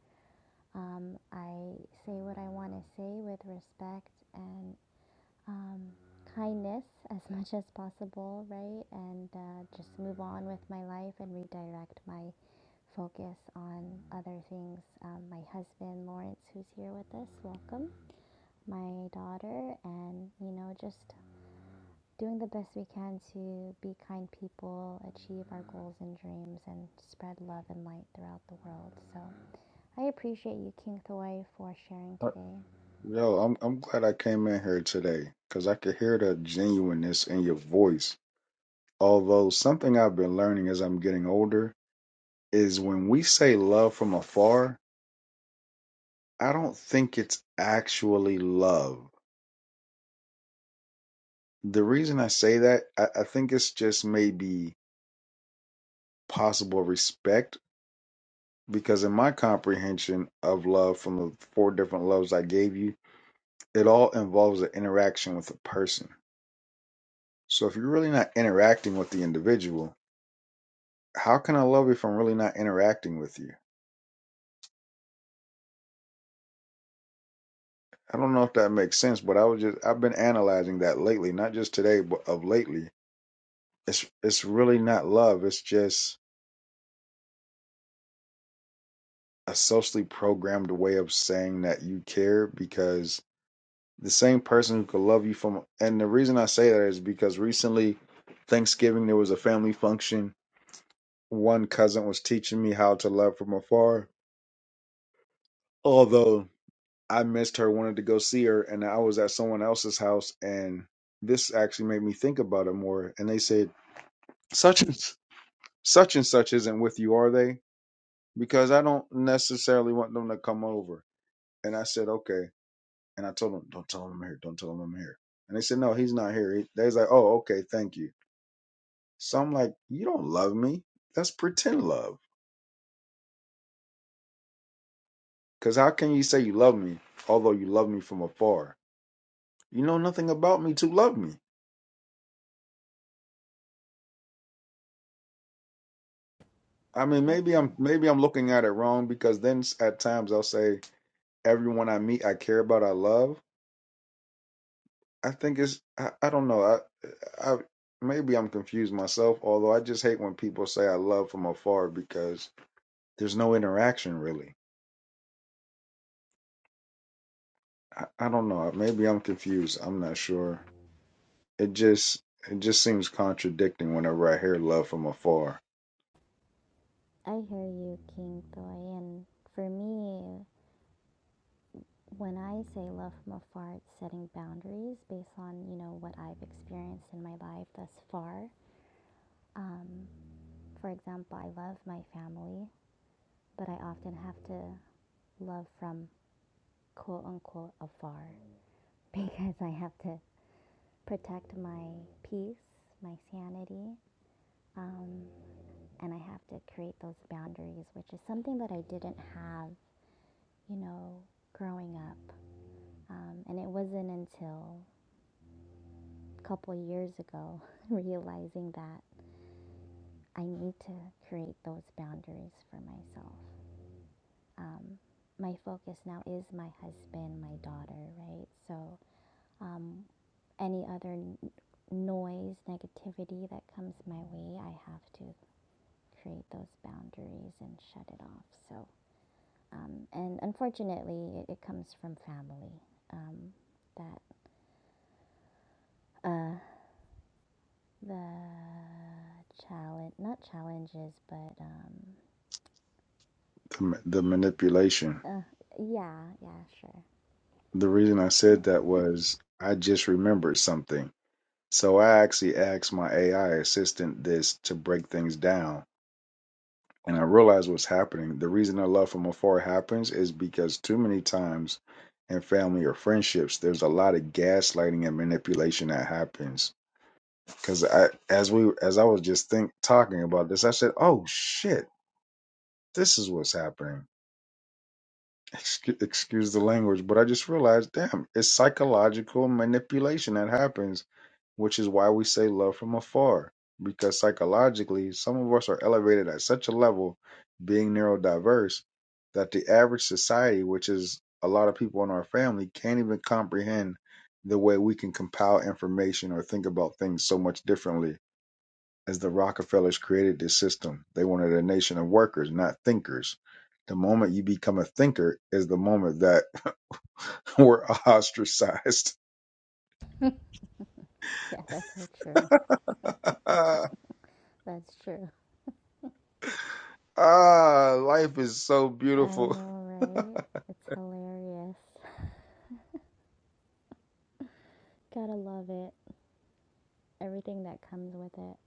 Speaker 1: um, i say what i want to say with respect and. um, kindness as much as possible, right? And uh, just move on with my life and redirect my focus on other things. Um, my husband, Lawrence, who's here with us, welcome. My daughter, and you know, just doing the best we can to be kind people, achieve our goals and dreams, and spread love and light throughout the world. So I appreciate you, King Thoy, for sharing
Speaker 2: Uh,
Speaker 1: today.
Speaker 2: Yo, I'm I'm glad I came in here today because I could hear the genuineness in your voice. Although something I've been learning as I'm getting older is when we say love from afar, I don't think it's actually love. The reason I say that, I, I think it's just maybe possible respect because in my comprehension of love from the four different loves I gave you, it all involves an interaction with a person. So if you're really not interacting with the individual, how can I love if I'm really not interacting with you? I don't know if that makes sense, but I was just I've been analyzing that lately, not just today, but of lately. It's it's really not love. It's just a socially programmed way of saying that you care because the same person who could love you from and the reason I say that is because recently Thanksgiving there was a family function. One cousin was teaching me how to love from afar. Although I missed her, wanted to go see her, and I was at someone else's house and this actually made me think about it more. And they said, Such and s- such and such isn't with you, are they? Because I don't necessarily want them to come over. And I said, Okay. And I told them, Don't tell them I'm here, don't tell them I'm here. And they said, No, he's not here. He, they was like, Oh, okay, thank you. So I'm like, you don't love me. That's pretend love. Because how can you say you love me, although you love me from afar? You know nothing about me to love me. I mean,
Speaker 1: I,
Speaker 2: maybe I'm maybe I'm looking at it wrong because then s- at times I'll say everyone I meet I care about I love. I think it's I, I don't know I I maybe I'm confused myself. Although I just hate when people say I love from afar because there's no interaction really. I, I don't know. Maybe I'm confused. I'm not sure. it just it just seems contradicting whenever I hear love from afar.
Speaker 1: I hear you, King Thoy, and for me, when I say love from afar, it's setting boundaries based on you know what I've experienced in my life thus far. Um, for example, I love my family, but I often have to love from quote unquote afar <laughs> because I have to protect my peace, my sanity, um, and I have to create those boundaries, which is something that I didn't have, you know, growing up. Um, and it wasn't until a couple years ago <laughs> realizing that I need to create those boundaries for myself. Um, my focus now is my husband, my daughter, right? So, um, any other n- noise, negativity that comes my way, I have to create those boundaries and shut it off. So, um, and unfortunately, it, it comes from family um, that uh, the challenge, not challenges, but um,
Speaker 2: The, ma- the manipulation.
Speaker 1: uh, yeah, yeah, sure. <laughs>
Speaker 2: The reason I said that was I just remembered something. So I actually asked my AI assistant this to break things down. And I realized what's happening. The reason that love from afar happens is because too many times in family or friendships, there's a lot of gaslighting and manipulation that happens. Because I, as we, as I was just think talking about this, I said, "Oh shit, this is what's happening." excuse, excuse the language, but I just realized, damn, it's psychological manipulation that happens, which is why we say love from afar. Because psychologically, some of us are elevated at such a level, being neurodiverse, that the average society, which is a lot of people in our family, can't even comprehend the way we can compile information or think about things so much differently as the Rockefellers created this system, they wanted a nation of workers, not thinkers. The moment you become a thinker is the moment that <laughs> we're ostracized.
Speaker 1: Yeah, that's so true.
Speaker 2: <laughs> ah,
Speaker 1: That's true.
Speaker 2: life is so
Speaker 1: I
Speaker 2: beautiful.
Speaker 1: know,
Speaker 2: <laughs> but
Speaker 1: right? It's hilarious. <laughs> Gotta love it. Everything that comes with it.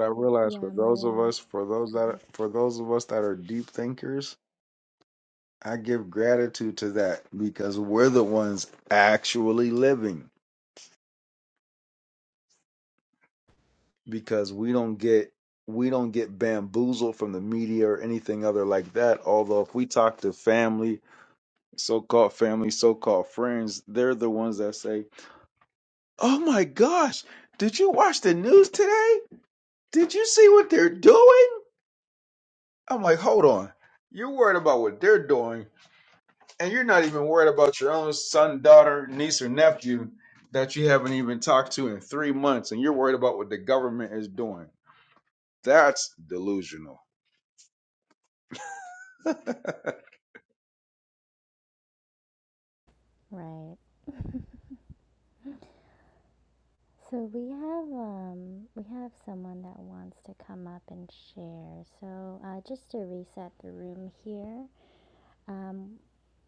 Speaker 2: I realize for
Speaker 1: Yeah, Maya.
Speaker 2: those of us, for those
Speaker 1: go
Speaker 2: that,
Speaker 1: ahead.
Speaker 2: for those of us that are deep thinkers, I give gratitude to that because we're the ones actually living. because we don't get we don't get bamboozled from the media or anything other like that. Although if we talk to family, so-called family, so-called friends, they're the ones that say, "Oh my gosh, did you watch the news today? Did you see what they're doing?" I'm like, "Hold on. You're worried about what they're doing, and you're not even worried about your own son, daughter, niece or nephew that you haven't even talked to in 3 months, and you're worried about what the government is doing." That's delusional. <laughs>
Speaker 1: Right. So we have um we have someone that wants to come up and share. So uh just to reset the room here, um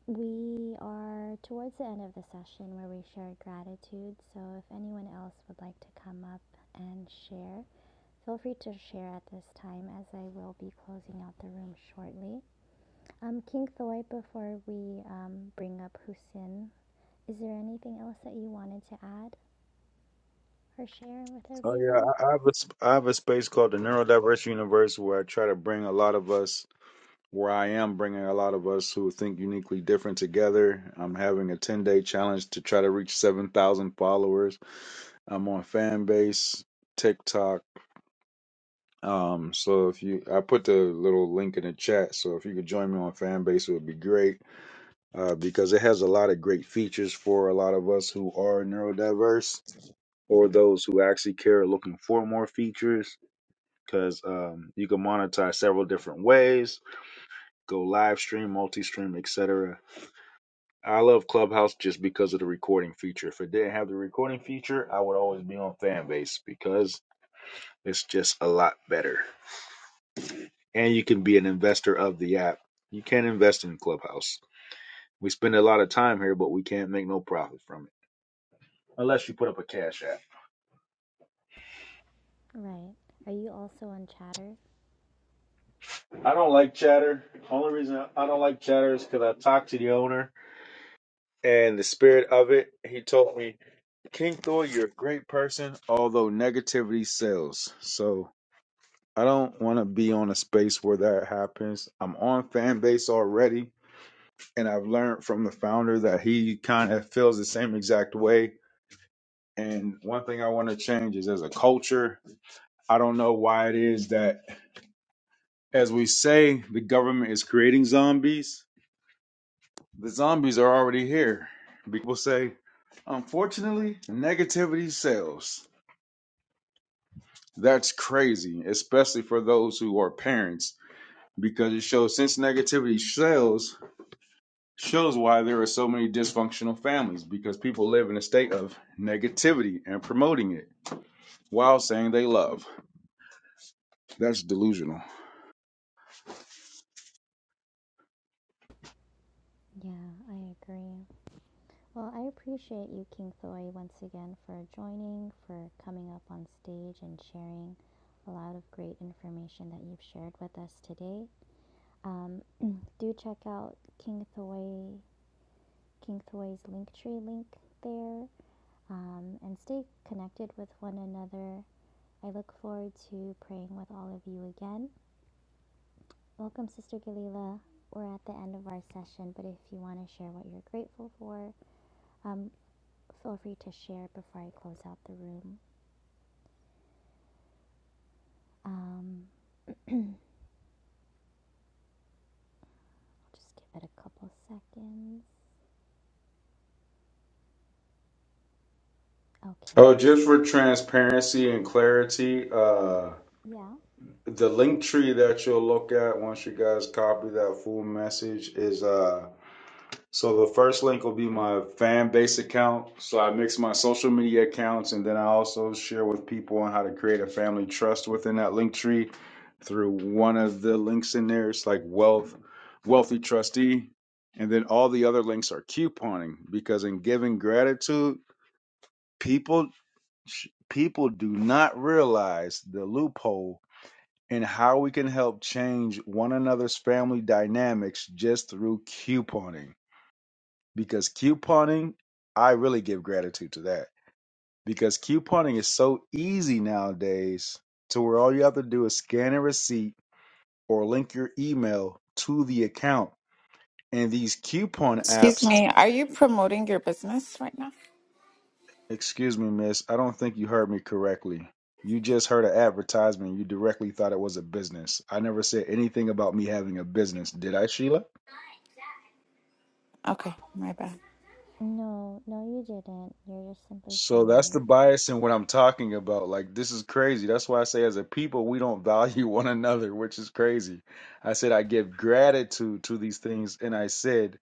Speaker 1: we are towards the end of the session where we share gratitude. So if anyone else would like to come up and share, feel free to share at this time as I will be closing out the room shortly. Um, King Thoy, before we um, bring up Husin, is there anything else that you wanted to add or share with
Speaker 2: Oh yeah,
Speaker 1: everyone?
Speaker 2: I I have a sp- I have a space called the Neurodiverse Universe where I try to bring a lot of us, where I am bringing a lot of us who think uniquely different together. I'm having a 10 day challenge to try to reach 7,000 followers. I'm on Fanbase, TikTok. Um, so if you, I put the little link in the chat. So if you could join me on Fanbase, it would be great uh, because it has a lot of great features for a lot of us who are neurodiverse or those who actually care are looking for more features because um, you can monetize several different ways go live stream multi-stream etc i love clubhouse just because of the recording feature if it didn't have the recording feature i would always be on fanbase because it's just a lot better and you can be an investor of the app you can't invest in clubhouse we spend a lot of time here but we can't make no profit from it unless you put up a cash app
Speaker 1: Right. Are you also on chatter?
Speaker 2: i don't like chatter only reason i don't like chatter is because i talked to the owner and the spirit of it he told me King Thor, you're a great person, although negativity sells. So I don't want to be on a space where that happens. I'm on fan base already, and I've learned from the founder that he kind of feels the same exact way. And one thing I want to change is as a culture, I don't know why it is that, as we say, the government is creating zombies, the zombies are already here. People say, unfortunately, negativity sells. That's crazy, especially for those who are parents, because it shows since negativity sells, shows why there are so many dysfunctional families because people live in a state of negativity and promoting it while saying they love. That's delusional.
Speaker 1: Yeah, I agree. Well, I appreciate you, King Thoy, once again for joining, for coming up on stage and sharing a lot of great information that you've shared with us today. Um, <clears throat> do check out King Thoy, King Thoy's Linktree link there, um, and stay connected with one another I look forward to praying with all of you again. Welcome, Sister Galila. We're at the end of our session, but if you want to share what you're grateful for, um, feel free to share before I close out the room. Um, I'll just give it a couple seconds. Okay.
Speaker 2: Oh, just for transparency and clarity, uh
Speaker 1: Yeah.
Speaker 2: the link tree that you'll look at once you guys copy that full message is So the first link will be my fan base account. So I mix my social media accounts and then I also share with people on how to create a family trust within that link tree through one of the links in there. It's like wealth, wealthy trustee. And then all the other links are couponing because in giving gratitude, people people do not realize the loophole in how we can help change one another's family dynamics just through couponing because couponing, I really give gratitude to that because couponing is so easy nowadays to where all you have to do is scan a receipt or link your email to the account. And these coupon
Speaker 3: Excuse
Speaker 2: apps,
Speaker 3: me, are you promoting your business right now?
Speaker 2: excuse me, miss, I don't think you heard me correctly. You just heard an advertisement. You directly thought it was a business. I never said anything about me having a business, did I, Sheila?
Speaker 3: Okay, my bad.
Speaker 1: No, no, you didn't. You're just simply
Speaker 2: So that's
Speaker 1: sharing.
Speaker 2: the bias in what I'm talking about. Like, this is crazy. That's why I say, as a people, we don't <laughs> value one another, which is crazy. I said, I give gratitude to these things, and I said,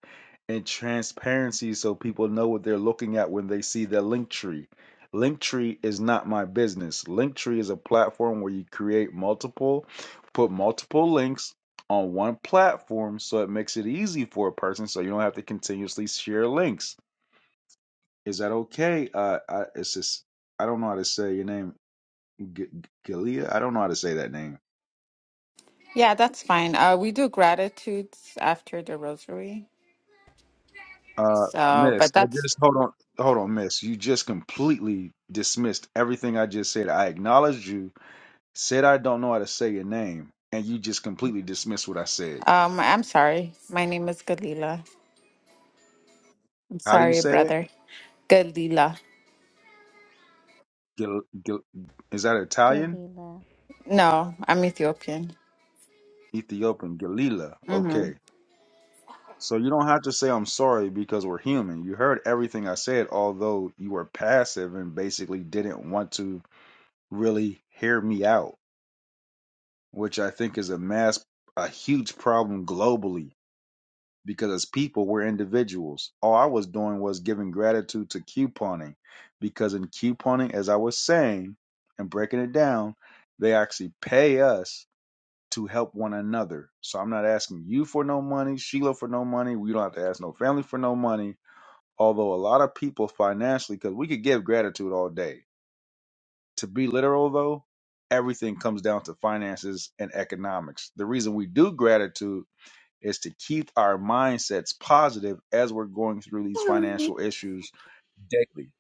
Speaker 2: and transparency so people know what they're looking at when they see the link tree. Link tree is not my business. Link tree is a platform where you create multiple, put multiple links on one platform so it makes it easy for a person so you don't have to continuously share links. Is that okay? Uh, I, it's just I don't know how to say your name, G- G- Galia. I don't know how to say that name.
Speaker 3: Yeah, that's fine. Uh, we do gratitudes after the rosary.
Speaker 2: Uh,
Speaker 3: So,
Speaker 2: Miss,
Speaker 3: but
Speaker 2: I
Speaker 3: that's,
Speaker 2: just hold on, hold on, Miss. You just completely dismissed everything I just said. I acknowledged you, said I don't know how to say your name, and you just completely dismissed what I said.
Speaker 3: um, I'm sorry. My name is Galila. I'm
Speaker 2: How do you
Speaker 3: sorry,
Speaker 2: say it?
Speaker 3: brother. Galila.
Speaker 2: Gil, Gil, is that Italian?
Speaker 1: Galila.
Speaker 3: No, I'm Ethiopian.
Speaker 2: Ethiopian, Galila.
Speaker 3: Mm-hmm.
Speaker 2: Okay. So you don't have to say I'm sorry because we're human. You heard everything I said, although you were passive and basically didn't want to really hear me out, which I think is a mass, a huge problem globally because as people, we're individuals. All I was doing was giving gratitude to couponing because in couponing, as I was saying and breaking it down, they actually pay us to help one another. So I'm not asking you for no money, Sheila for no money. We don't have to ask no family for no money. Although a lot of people financially, because we could give gratitude all day to be literal though, everything comes down to finances and economics. The reason we do gratitude is to keep our mindsets positive as we're going through these financial issues daily.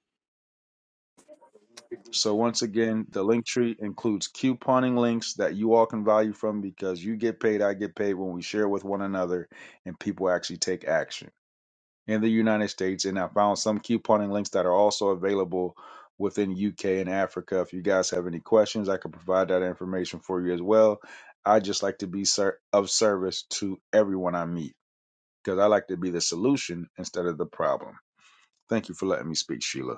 Speaker 2: So once again, the link tree includes couponing links that you all can value from because you get paid, I get paid when we share with one another and people actually take action. in the United States, and I found some couponing links that are also available within UK and Africa. If you guys have any questions, I can provide that information for you as well. I just like to be ser- of service to everyone I meet because I like to be the solution instead of the problem. Thank you for letting me speak, Sheila.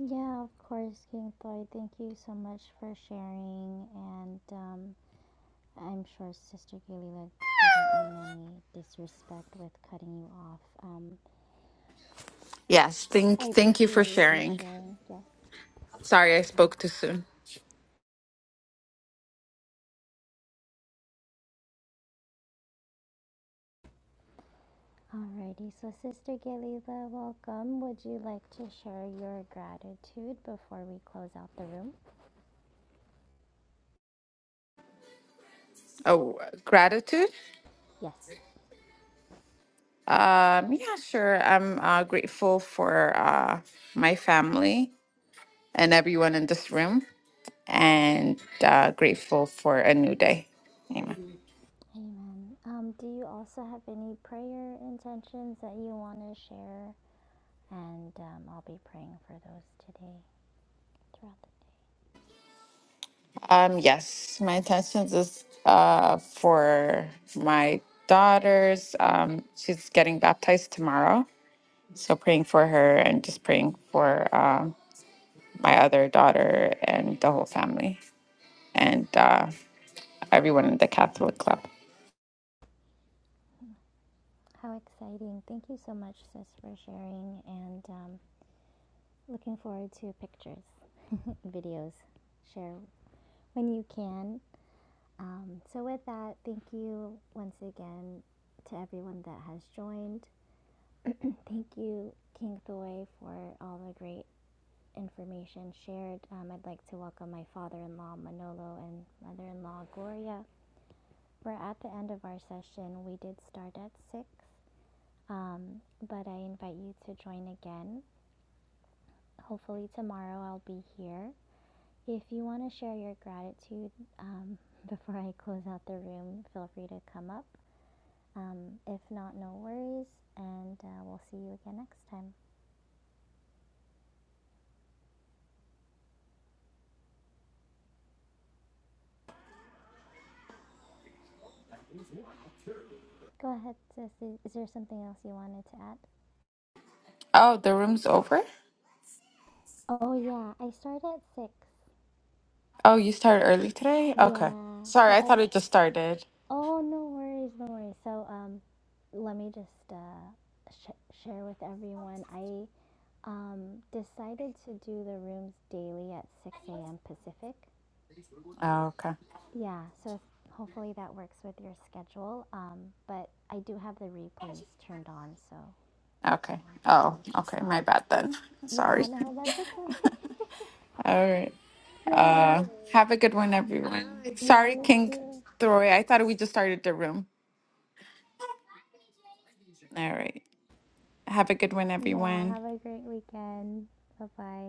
Speaker 1: Yeah, of course, King Floyd. Thank you so much for sharing. And um, I'm sure Sister Galila didn't mean any disrespect with cutting you off. Um,
Speaker 3: Yes, thank,
Speaker 1: I
Speaker 3: thank you for
Speaker 1: appreciate you
Speaker 3: sharing.
Speaker 1: sharing. Yes.
Speaker 3: Sorry, I spoke too soon.
Speaker 1: Alrighty. So, Sister Galila, welcome. Would you like to share your gratitude before we close out the room?
Speaker 3: Oh, gratitude.
Speaker 1: Yes.
Speaker 3: Um, yeah, sure. I'm uh, grateful for uh, my family and everyone in this room. and uh, grateful for a new day. Amen.
Speaker 1: Amen. Um, do you also have any prayer intentions that you want to share? And um, I'll be praying for those today throughout the day.
Speaker 3: Um, yes, my intentions is uh, for my daughters. Um, she's getting baptized tomorrow, so praying for her and just praying for um my other daughter and the whole family and uh, everyone in the Catholic club.
Speaker 1: How exciting. Thank you so much, sis, for sharing. And um, Looking forward to pictures, <laughs> videos. Share when you can. Um, so, with that, thank you once again to everyone that has joined. <clears throat> thank you, King Thoy, for all the great information shared. Um, I'd like to welcome my father in law, Manolo, and mother in law, Gloria. We're at the end of our session. We did start at 6, um, but I invite you to join again. Hopefully, tomorrow I'll be here If you want to share your gratitude um, <laughs> before I close out the room, feel free to come up. Um, if not, no worries, and uh, we'll see you again next time. Go ahead, sis. Is there something else you wanted to add?
Speaker 3: Oh, the room's over.
Speaker 1: Oh, yeah, I start at six.
Speaker 3: Oh, you started early today. Okay,
Speaker 1: Yeah, so
Speaker 3: sorry, I thought it
Speaker 1: I.
Speaker 3: just started.
Speaker 1: Oh, no worries, no worries. So, um, let me just uh, sh- share with everyone. I um, decided to do the rooms daily at 6 a.m. Pacific.
Speaker 3: Oh, okay,
Speaker 1: Yeah, so if, hopefully that works with your schedule. Um, but I do have the replays turned on, so
Speaker 3: okay.
Speaker 1: we can
Speaker 3: Oh,
Speaker 1: listen
Speaker 3: okay.
Speaker 1: to
Speaker 3: My
Speaker 1: that.
Speaker 3: bad then.
Speaker 1: Yeah,
Speaker 3: Sorry.
Speaker 1: no, that's okay.
Speaker 3: All right.
Speaker 1: <laughs> yeah,
Speaker 3: Uh, have a good one, everyone.
Speaker 1: yeah,
Speaker 3: Sorry,
Speaker 1: you
Speaker 3: King
Speaker 1: too.
Speaker 3: Throy. I thought we just started the room. All right. Have a good one,
Speaker 1: Yeah,
Speaker 3: everyone.
Speaker 1: have a great weekend. Bye bye.